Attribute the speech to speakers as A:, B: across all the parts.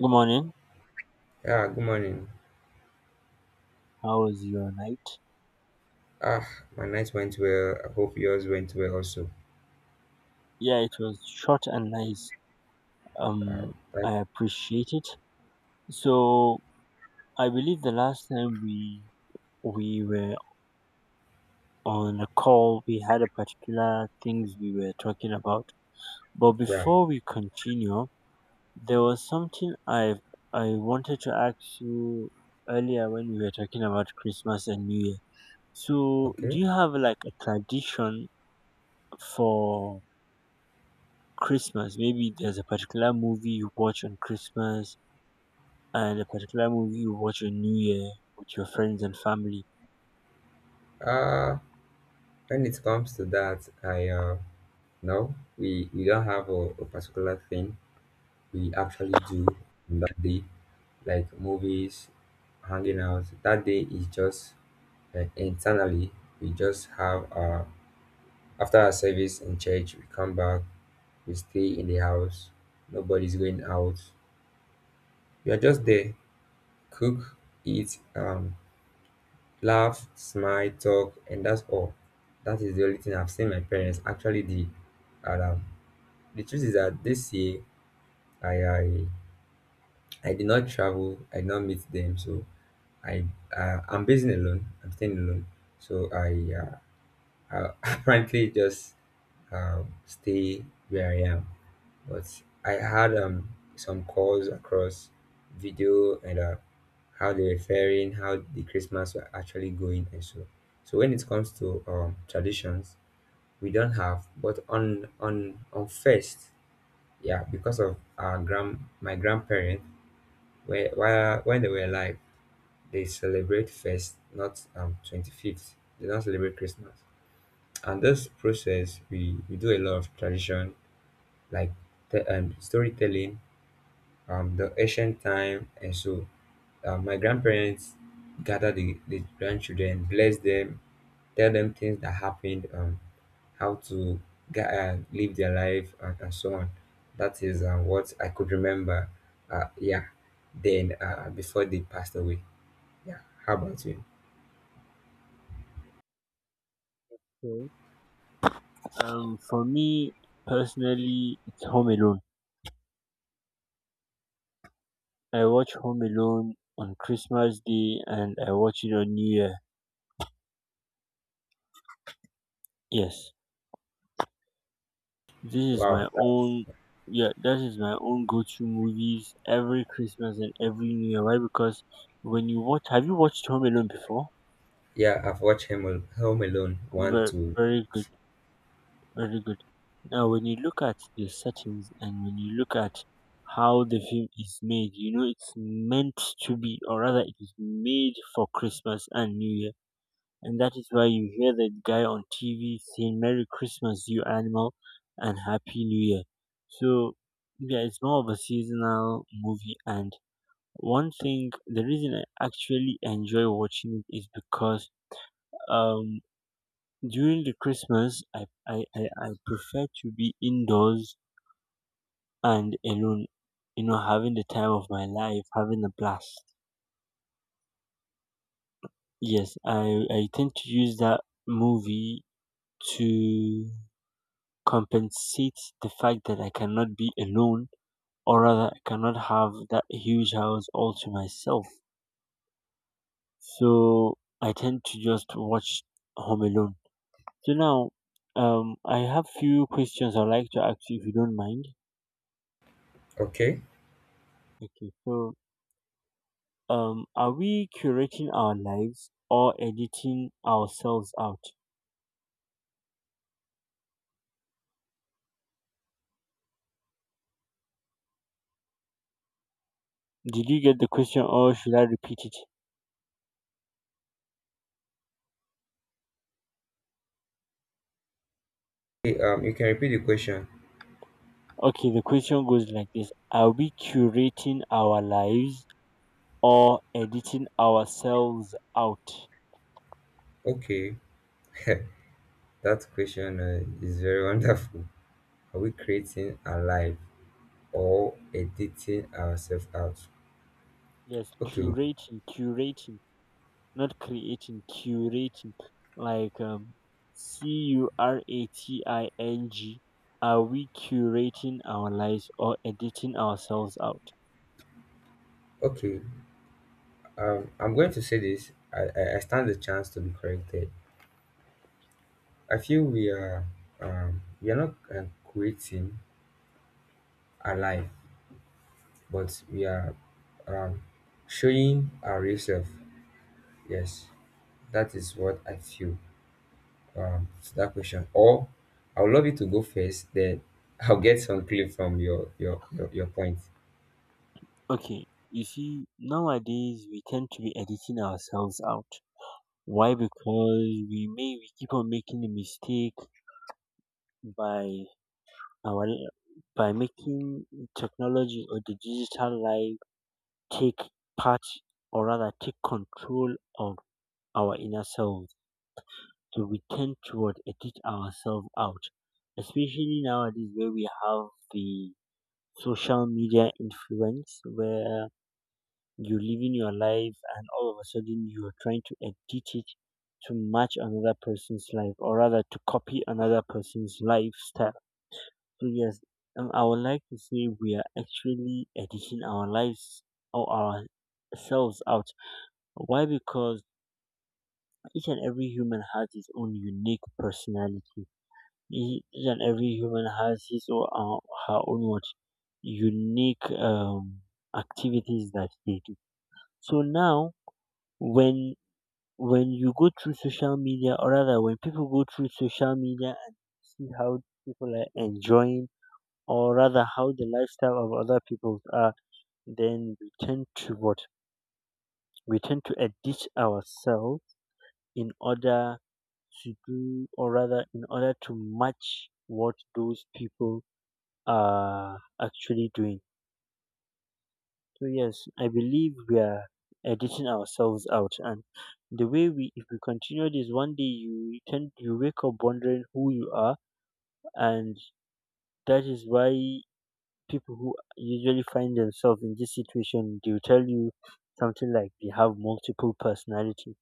A: Good morning.
B: Yeah, good morning.
A: How was your night?
B: Ah, my night went well. I hope yours went well also.
A: Yeah, it was short and nice.
B: Uh,
A: Um,
B: right,
A: I appreciate it. So I believe the last time we were on a call, we had a particular things we were talking about. But
B: yeah,
A: before we continue, there was something I wanted to ask you earlier when we were talking about Christmas and New Year. So do
B: okay.
A: you have like a tradition for Christmas? Maybe there's a particular movie you watch on Christmas and a particular movie you watch on New Year with your friends and family.
B: Uh, when it comes to that, I no, we don't have a particular thing we actually do on that day, like movies, hanging out. That day is just like internally. We just have after our service in church, we come back, we stay in the house. Nobody's going out. We are just there, cook, eat, laugh, smile, talk, and that's all. That is the only thing I've seen my parents actually did. And the truth is that this year I I, I did not travel, I did not meet them, so I I'm basing alone. I'm staying alone, so I apparently just stay where I am. But I had some calls across video and how they were faring, how the Christmas were actually going, and so. So when it comes to traditions, we don't have, but on on first, yeah, because of our grand my grandparents, where while when they were alive, they celebrate first, not 25th. They don't celebrate Christmas. And this process, we do a lot of tradition like the storytelling the ancient time. And so my grandparents gather the grandchildren, bless them, tell them things that happened, how to get, live their life, and so on. That is what I could remember. Yeah, then before they passed away. Yeah, how about you?
A: Okay. For me personally, it's Home Alone. I watch Home Alone on Christmas Day and I watch it on New Year. Yes, this is my
B: Wow.
A: own. Yeah, that is my own go-to movies every Christmas and every New Year. Why? Because when you watch, have you watched Home Alone before?
B: Yeah, I've watched Home Alone 1,
A: Very,
B: 2.
A: very good. Very good. Now, when you look at the settings and when you look at how the film is made, you know it's meant to be, or rather, it is made for Christmas and New Year. And that is why you hear that guy on TV saying, Merry Christmas, you animal, and Happy New Year. So, yeah, it's more of a seasonal movie. And one thing, the reason I actually enjoy watching it is because um during the Christmas, I prefer to be indoors and alone, you know, having the time of my life, having a blast. Yes, I tend to use that movie to compensate the fact that I cannot be alone, or rather, I cannot have that huge house all to myself. So I tend to just watch Home Alone. So now, I have few questions I'd like to ask you if you don't mind.
B: Okay.
A: Okay, so are we curating our lives or editing ourselves out? Did you get the question or should I repeat it?
B: Hey, you can repeat the question.
A: Okay, the question goes like this. Are we curating our lives or editing ourselves out?
B: Okay, that question is very wonderful. Are we creating a life? Or editing ourselves out.
A: Yes,
B: Okay,
A: curating, curating, not creating, curating. Like curating. Are we curating our lives or editing ourselves out?
B: okay. I'm going to say this. I stand the chance to be corrected. I feel we are not creating our life, but we are um, showing our real self. Yes, that is what I feel to that question. Or I would love you to go first, then I'll get some clue from your your point.
A: Okay, you see, nowadays we tend to be editing ourselves out. Why? Because we keep on making a mistake by our by making technology or the digital life take part or rather take control of our inner selves. So we tend to what, edit ourselves out, especially nowadays where we have the social media influence where you're living your life and all of a sudden you're trying to edit it to match another person's life or rather to copy another person's lifestyle. So yes, I would like to say we are actually editing our lives or ourselves out. Why? Because each and every human has his own unique personality. Each and every human has his or her own what unique activities that they do. So now, when when you go through social media or rather when people go through social media and see how people are enjoying or rather how the lifestyle of other people are, then we tend to addict ourselves in order to do or rather in order to match what those people are actually doing. So yes, I believe we are editing ourselves out, and the way we, if we continue this, one day you wake up wondering who you are, and that is why people who usually find themselves in this situation, they'll tell you something like they have multiple personality.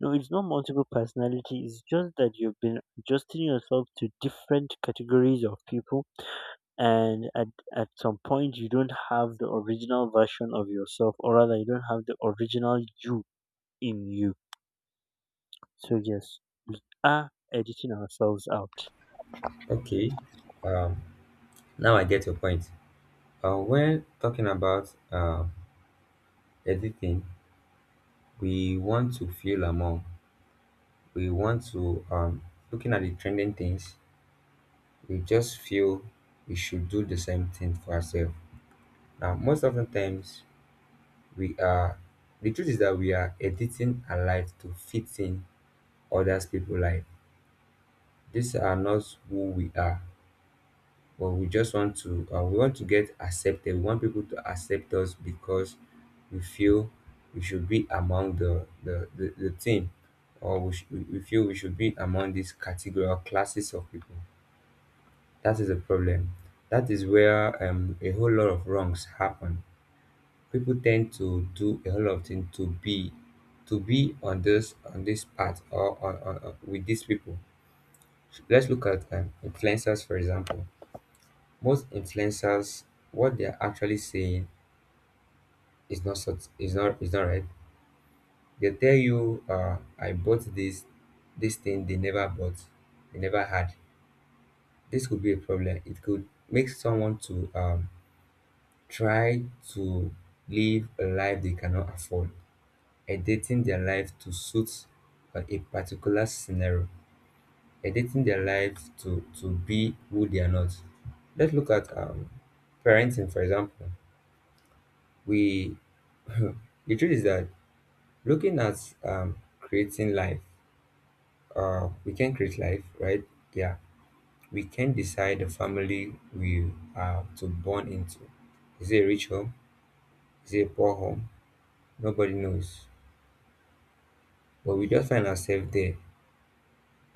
A: No, it's not multiple personality. It's just that you've been adjusting yourself to different categories of people and at some point you don't have the original version of yourself or rather you don't have the original you in you. So yes, are editing ourselves out.
B: Okay, now I get your point. When talking about editing, we want to feel among, we want to, um, looking at the trending things, we just feel we should do the same thing for ourselves. Now, most often times, we are, the truth is that we are editing our life to fit in others people's life. These are not who we are. But we just want to we want to get accepted. We want people to accept us because we feel we should be among the team or we feel we should be among these category or classes of people. That is a problem. That is where a whole lot of wrongs happen. People tend to do a whole lot of things to be on this path or with these people. Let's look at influencers for example. Most influencers what they're actually saying is not right. They tell you I bought this this thing they never bought, they never had. This could be a problem. It could make someone to try to live a life they cannot afford, editing their life to suit a particular scenario, editing their life to be who they are not. Let's look at parenting for example. We The truth is that looking at um, creating life, we can create life, right? Yeah, we can decide the family we are to born into. Is it a rich home? Is it a poor home? Nobody knows. But we just find ourselves there.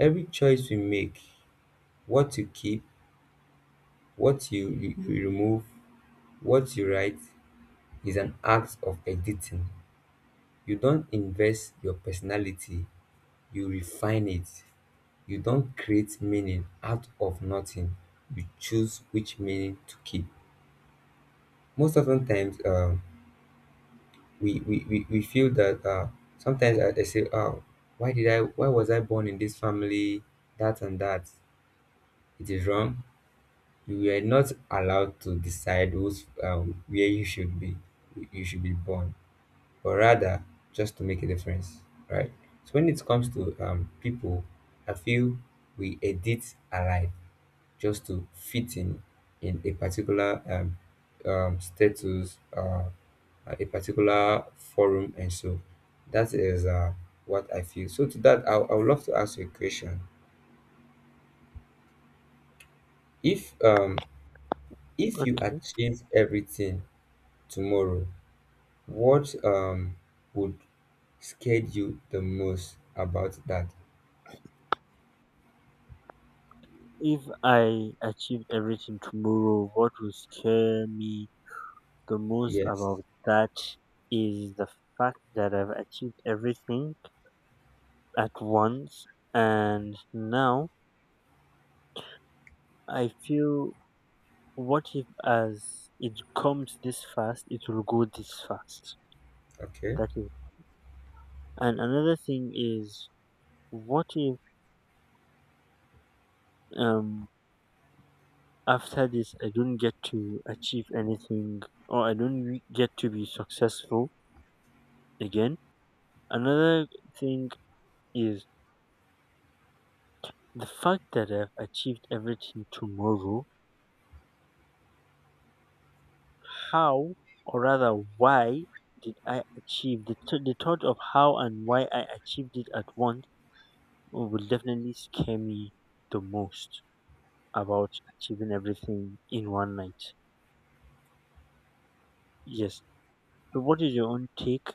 B: Every choice we make, what you keep, what you remove, what you write, is an act of editing. You don't invest your personality, you refine it. You don't create meaning out of nothing, you choose which meaning to keep. Most often times we feel that sometimes I say, oh, why was I born in this family, that and that. It is wrong. You were not allowed to decide who's where you should be, you should be born, but rather just to make a difference, right? So when it comes to people, I feel we edit our life just to fit in a particular status, a particular forum, and so that is what I feel. So to that, I would love to ask you a question. If um, if you
A: Okay.
B: achieve everything tomorrow, what would scare you the most about that?
A: If I achieved everything tomorrow, what will scare me the most
B: Yes.
A: about that is the fact that I've achieved everything at once, and now I feel, what if as it comes this fast, it will go this fast.
B: Okay.
A: That is. And another thing is, what if um after this I don't get to achieve anything, or I don't get to be successful again. Another thing is the fact that I've achieved everything tomorrow. How, or rather, why did I achieve, the thought of how and why I achieved it at once will definitely scare me the most about achieving everything in one night. Yes. So what is your own take?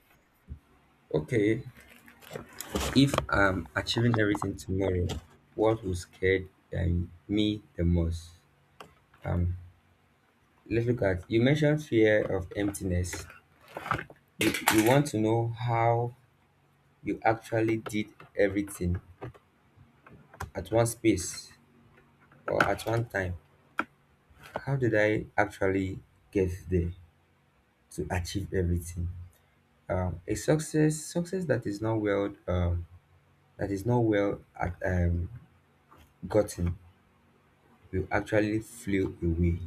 B: Okay. If I'm achieving everything tomorrow, what will scare me the most? um let's look at you mentioned fear of emptiness. You want to know how you actually did everything at one space or at one time. How did I actually get there to achieve everything? A success that is not well that is not well gotten will actually flew away,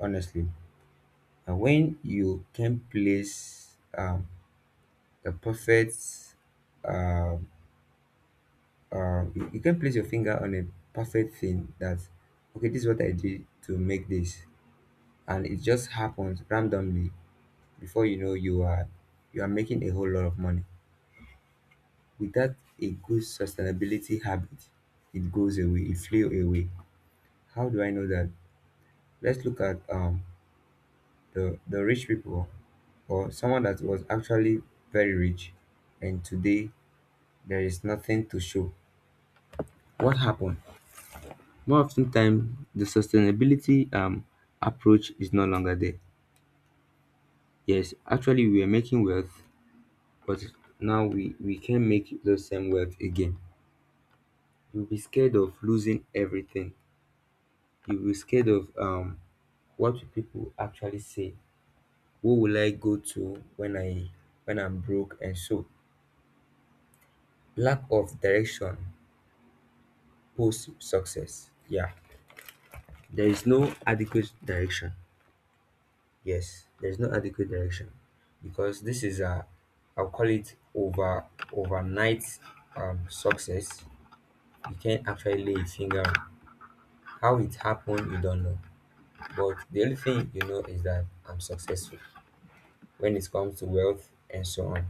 B: honestly. And when you can place the perfect um you, you can place your finger on a perfect thing that, okay, this is what I did to make this, and it just happens randomly. Before you know you are making a whole lot of money without a good sustainability habit, it goes away, it flew away. How do I know that? Let's look at the rich people or someone that was actually very rich, and today there is nothing to show. What happened? More often time the sustainability approach is no longer there. Yes, actually we are making wealth, but now we can't make the same wealth again. You'll be scared of losing everything, you'll be scared of what will people actually say, who will I go to when I when I'm broke, and so lack of direction post success. Yeah, there is no adequate direction. Yes, there's no adequate direction because this is a, I'll call it overnight success. You can't actually lay a finger on how it happened. You don't know, but the only thing you know is that I'm successful when it comes to wealth and so on.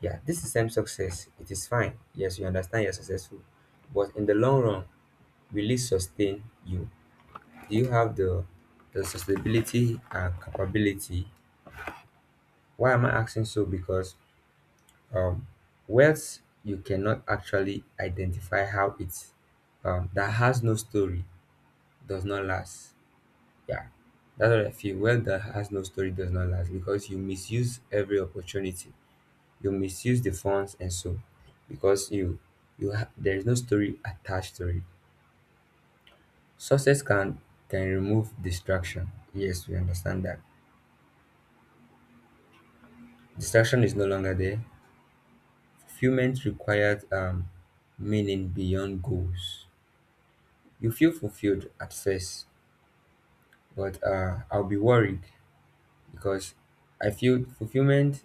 B: Yeah, this is same success. It is fine. Yes, you understand you're successful, but in the long run, will it sustain you? Do you have the sustainability and capability? Why am I asking so? Because um, wealth you cannot actually identify how it's that has no story does not last. Yeah, that's what I feel. Wealth that has no story does not last because you misuse every opportunity. You misuse the funds and so because there is no story attached to it. Success can remove distraction. Yes, we understand that distraction is no longer there. Fulfillment required meaning beyond goals. You feel fulfilled at first, but I'll be worried because I feel fulfillment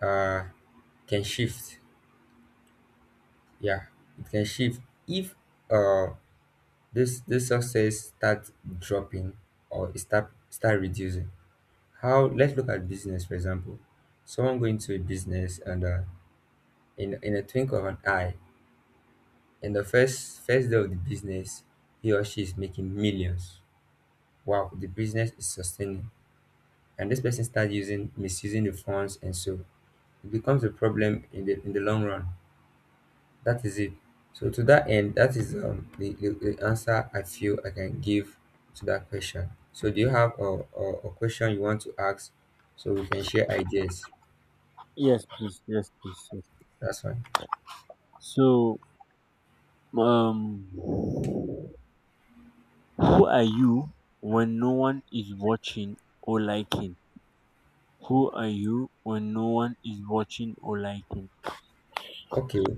B: uh, can shift. Yeah, it can shift if uh, this this success start dropping or it start reducing. How? Let's look at business for example. Someone going to a business and in a twinkle of an eye, in the first day of the business, he or she is making millions. Wow, the business is sustaining and this person start using misusing the funds, and so it becomes a problem in the long run. That is it. So to that end, that is the, the answer I feel I can give to that question. So do you have a question you want to ask so we can share ideas?
A: Yes, please. Yes, please. Yes.
B: That's fine.
A: So, who are you when no one is watching or liking? Who are you when no one is watching or liking?
B: Okay,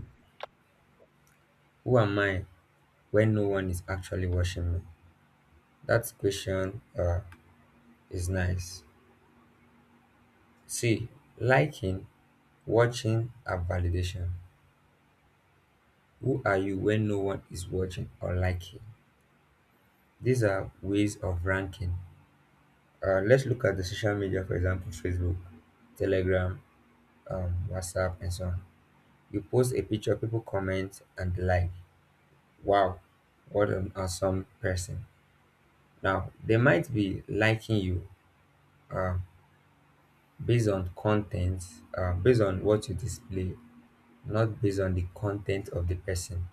B: who am I when no one is actually watching me? That question is nice. See, liking, watching are validation. Who are you when no one is watching or liking? These are ways of ranking. Let's look at the social media, for example, Facebook, Telegram, WhatsApp, and so on. You post a picture, people comment and like, wow, what an awesome person. Now, they might be liking you uh, based on content, based on what you display, not based on the content of the person.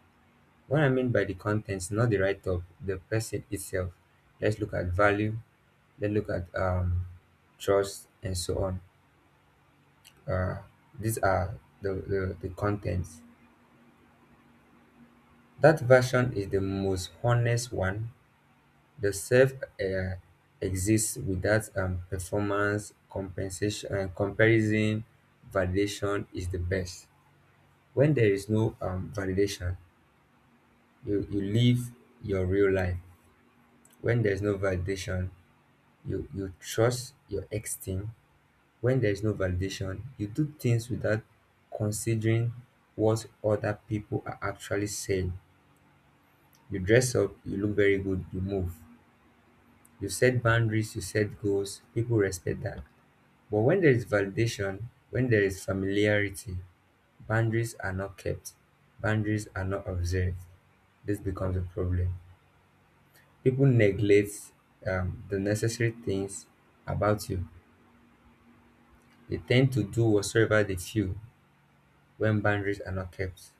B: What I mean by the content, not the write up, the person itself. Let's look at value, let's look at trust, and so on. uh, these are the contents. That version is the most honest one. The self uh, exists without performance compensation comparison. Validation is the best. When there is no validation, you live your real life. When there is no validation, you trust your extreme. When there is no validation, you do things without considering what other people are actually saying. You dress up, you look very good, you move. You set boundaries, you set goals, people respect that. But when there is validation, when there is familiarity, boundaries are not kept, boundaries are not observed. This becomes a problem. People neglect the necessary things about you. They tend to do whatsoever they feel when boundaries are not kept.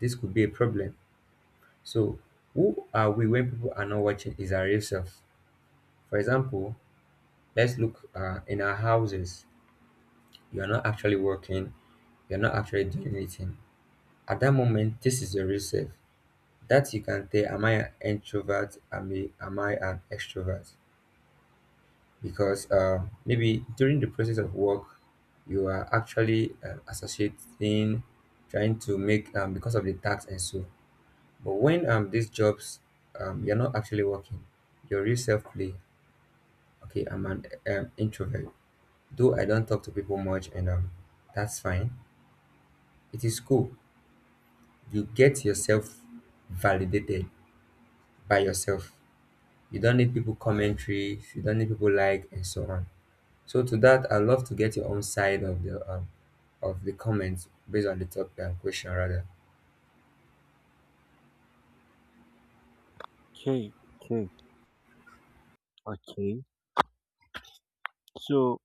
B: This could be a problem. So, who are we when people are not watching is our real self? For example, let's look in our houses, you're not actually working, you're not actually doing anything. At that moment, this is your real self, that you can tell, am I an introvert, am I an extrovert? Because maybe during the process of work you are actually associating, trying to make, because of the tax and so. But when these jobs, you're not actually working, your real self play. Okay, I'm an introvert, though I don't talk to people much, and that's fine, it is cool. You get yourself validated by yourself. You don't need people commentary. You don't need people like and so on. So, to that, I would love to get your own side of the comments based on the top question rather.
A: Okay, okay, okay. So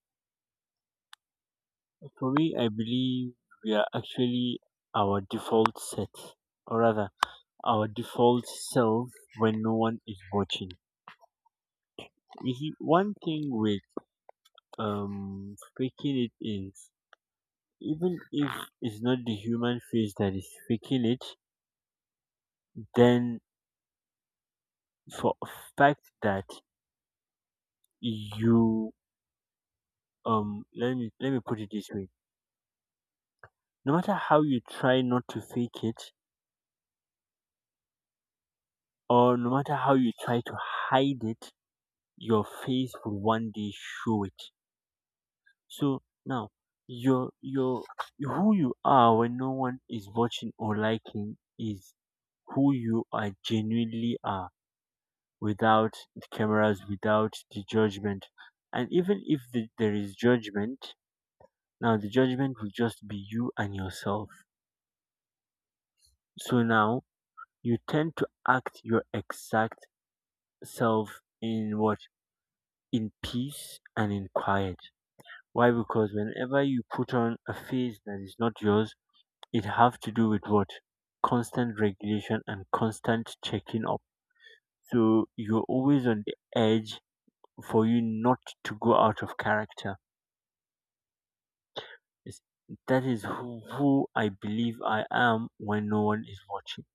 A: for me, I believe we are actually our default set, or rather, our default self when no one is watching. You see, one thing with faking it is, even if it's not the human face that is faking it, then for a fact that you, let me put it this way. No matter how you try not to fake it, or no matter how you try to hide it, your face will one day show it. So now your who you are when no one is watching or liking is who you are genuinely are, without the cameras, without the judgment. And even if there is judgment, now the judgment will just be you and yourself. So now you tend to act your exact self in what? In peace and in quiet. Why? Because whenever you put on a face that is not yours, it have to do with what, constant regulation and constant checking up, so you're always on the edge for you not to go out of character. It's- that is who I believe I am when no one is watching.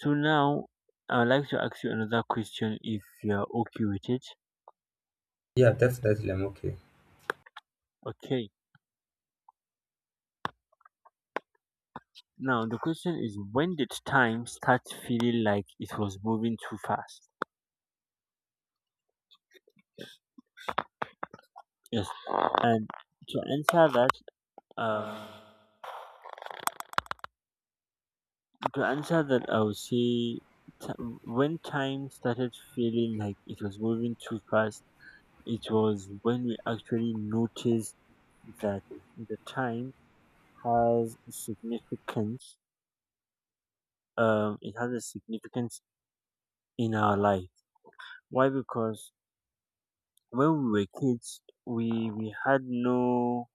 A: So now I'd like to ask you another question if you're okay with it.
B: Yeah, definitely, I'm okay.
A: Okay, now the question is, when did time start feeling like it was moving too fast? Yes. And to answer that um to answer that, I would say, ti when time started feeling like it was moving too fast, it was when we actually noticed that the time has significance. It has a significance in our life. Why? Because when we were kids,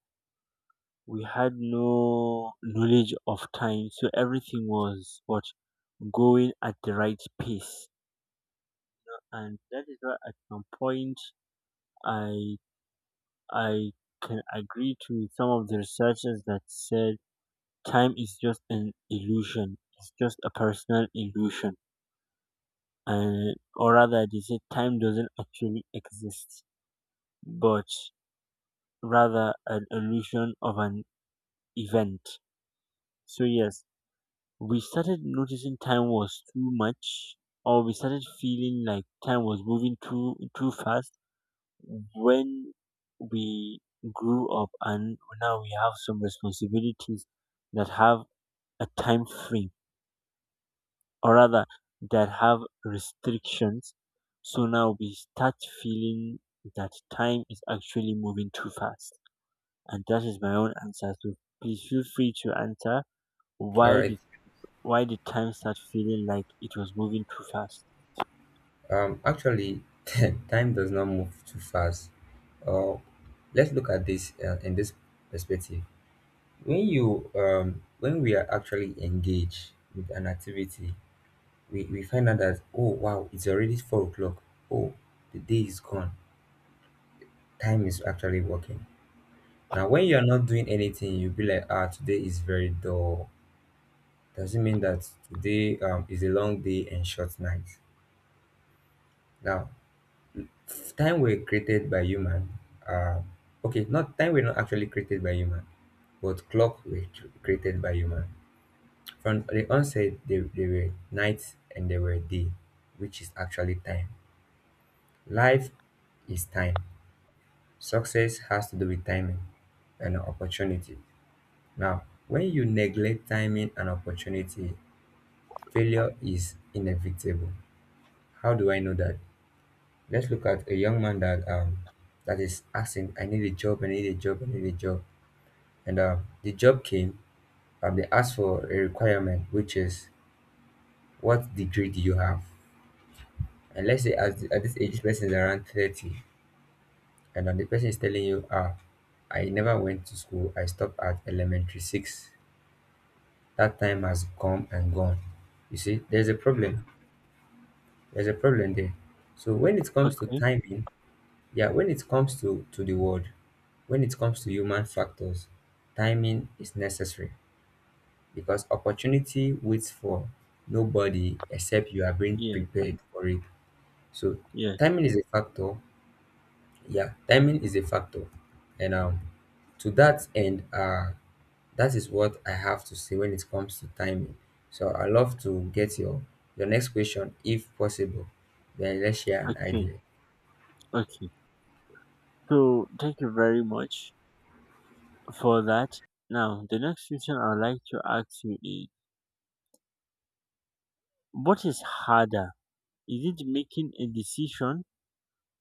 A: we had no knowledge of time, so everything was what, going at the right pace, and that is why at some point I I can agree to some of the researchers that said time is just an illusion. It's just a personal illusion, and or rather, they said time doesn't actually exist, but rather an illusion of an event. So yes, we started noticing time was too much, or we started feeling like time was moving too fast when we grew up and now we have some responsibilities that have a time frame, or rather that have restrictions, so now we start feeling that time is actually moving too fast, and that is my own answer. So please feel free to answer.
B: All
A: why
B: right.
A: did why did time start feeling like it was moving too fast?
B: Actually, time does not move too fast. uh let's look at this, in this perspective. When you when we are actually engaged with an activity, we find out that, oh wow, it's already 4 o'clock. Oh, the day is gone. Time is actually working. Now when you're not doing anything, you'll be like, ah, today is very dull. Doesn't mean that today is a long day and short night. Now, time were created by human. um okay, not time were not actually created by human, but clock were created by human. From the onset, they were night and they were day, which is actually time. Life is time. Success has to do with timing and opportunity. Now, when you neglect timing and opportunity, failure is inevitable. How do I know that? Let's look at a young man that that is asking, I need a job, I need a job, I need a job. And the job came, and they asked for a requirement, which is, what degree do you have? And let's say at this age, this person is around 30, and then the person is telling you, ah, I never went to school, I stopped at elementary six." That time has come and gone. You see, there's a problem. There's a problem there. So when it comes to
A: Okay.
B: timing, yeah, when it comes to the world, when it comes to human factors, timing is necessary because opportunity waits for nobody except you are being
A: Yes.
B: prepared for it. So,
A: Yes.
B: timing is a factor. Yeah, timing is a factor. And to that end, that is what I have to say when it comes to timing. So I love to get your next question if possible. Then let's share an
A: Okay,
B: idea.
A: okay. So thank you very much for that. Now, the next question I'd like to ask you is, what is harder? Is it making a decision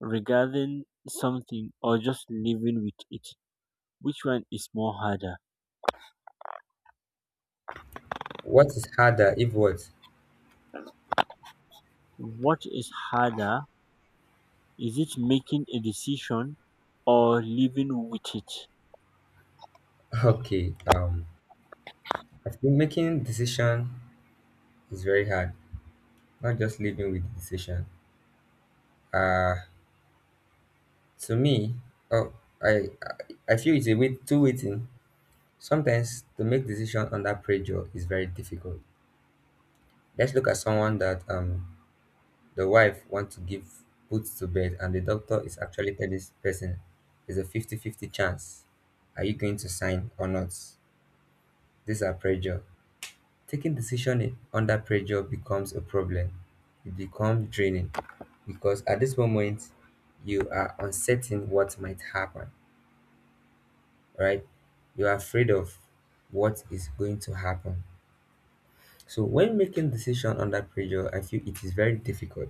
A: regarding something or just living with it? Which one is more harder?
B: What is harder if what?
A: What is harder? Is it making a decision or living with it?
B: Okay, I think making decision is very hard. Not just living with decision. Uh to me, oh, I feel it's a bit too waiting. Sometimes to make decision under pressure is very difficult. Let's look at someone that the wife wants to give boots to bed, and the doctor is actually telling this person it's a 50-50 chance. Are you going to sign or not? These are pressure. Taking decision under pressure becomes a problem. It becomes draining because at this moment you are uncertain what might happen, right? You are afraid of what is going to happen. So when making decision under pressure, I feel it is very difficult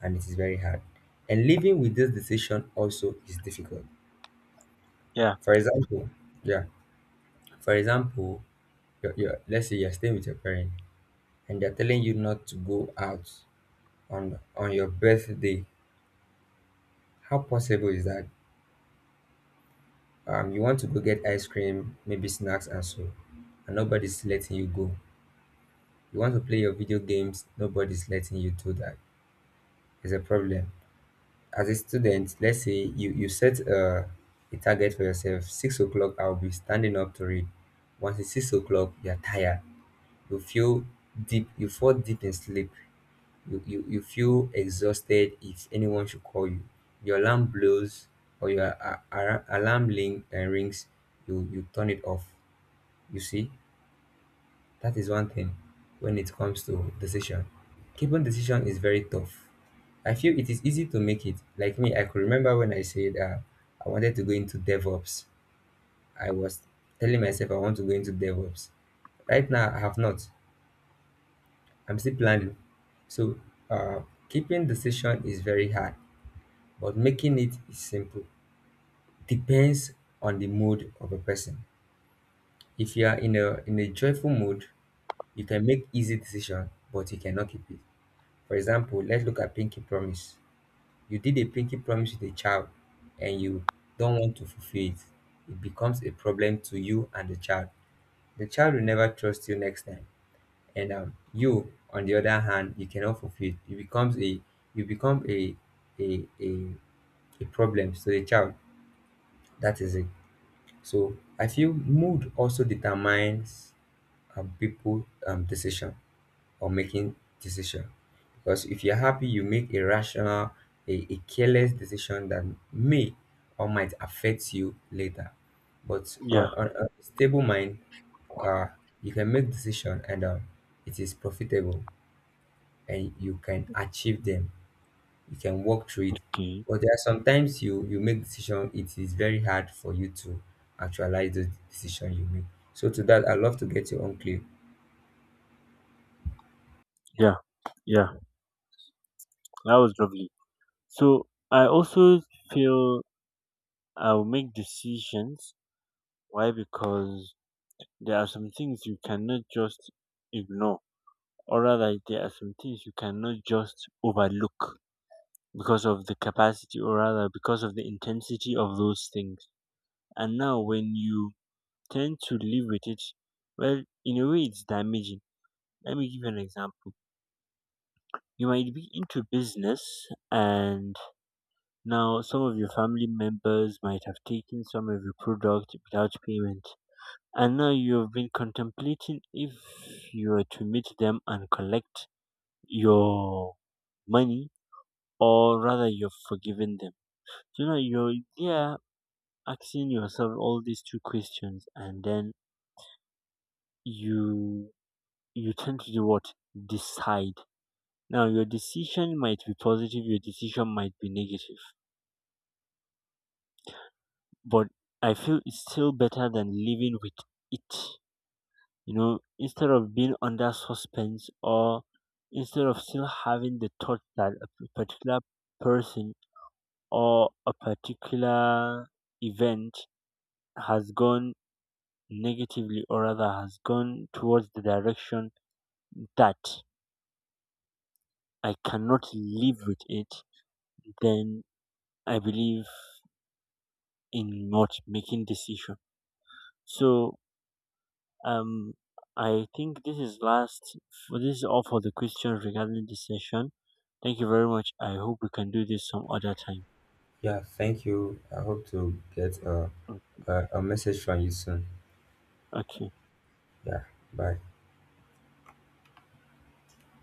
B: and it is very hard. And living with this decision also is difficult.
A: Yeah,
B: For example, yeah, for example, let's say you're staying with your parent and they're telling you not to go out on your birthday. How possible is that? You want to go get ice cream, maybe snacks and so, and nobody's letting you go. You want to play your video games, nobody's letting you do that. It's a problem. As a student, let's say you set a target for yourself. 6 o'clock, I'll be standing up to read. Once it's 6 o'clock, you're tired. You feel deep. You fall deep in sleep. You feel exhausted. If anyone should call you, your alarm blows or your alarm ling, rings, you turn it off. You see, that is one thing when it comes to decision. Keeping decision is very tough. I feel it is easy to make it. Like me, I could remember when I said I wanted to go into DevOps. I was telling myself I want to go into DevOps. Right now, I have not. I'm still planning. So, uh, keeping decision is very hard, but making it is simple. Depends on the mood of a person. If you are in a joyful mood, you can make easy decision, but you cannot keep it. For example, let's look at pinky promise. You did a pinky promise with a child and you don't want to fulfill it. It becomes a problem to you and the child. The child will never trust you next time. And you, on the other hand, you cannot fulfill it. It becomes a, you become a a a, a problem to the child. That is it. So I feel mood also determines people decision, or making decision, because if you're happy you make a rational, a careless decision that may or might affect you later. But
A: yeah,
B: on a stable mind, uh you can make decision, and it is profitable and you can achieve them, you can work through it.
A: okay,
B: But there are sometimes you make decision, it is very hard for you to actualize the decision you make. So to that, I love to get your own clue.
A: yeah, yeah. That was lovely. So, I also feel I'll make decisions. Why? Because there are some things you cannot just ignore, or rather, there are some things you cannot just overlook because of the capacity, or rather, because of the intensity of those things. And now, when you tend to live with it, well, in a way, it's damaging. Let me give you an example. You might be into business, and now some of your family members might have taken some of your product without payment. And now you have been contemplating if you are to meet them and collect your money, or rather you've forgiven them. So, you know, you're, yeah, asking yourself all these two questions, and then you you tend to do what, decide. Now your decision might be positive, your decision might be negative, but I feel it's still better than living with it. You know, instead of being under suspense, or instead of still having the thought that a particular person or a particular event has gone negatively, or rather has gone towards the direction that I cannot live with it, then I believe in not making decision. So um I think this is all for the question regarding this session. Thank you very much. I hope we can do this some other time.
B: Yeah, thank you. I hope to get a,
A: Mm.
B: a message from you soon.
A: Okay.
B: Yeah, bye.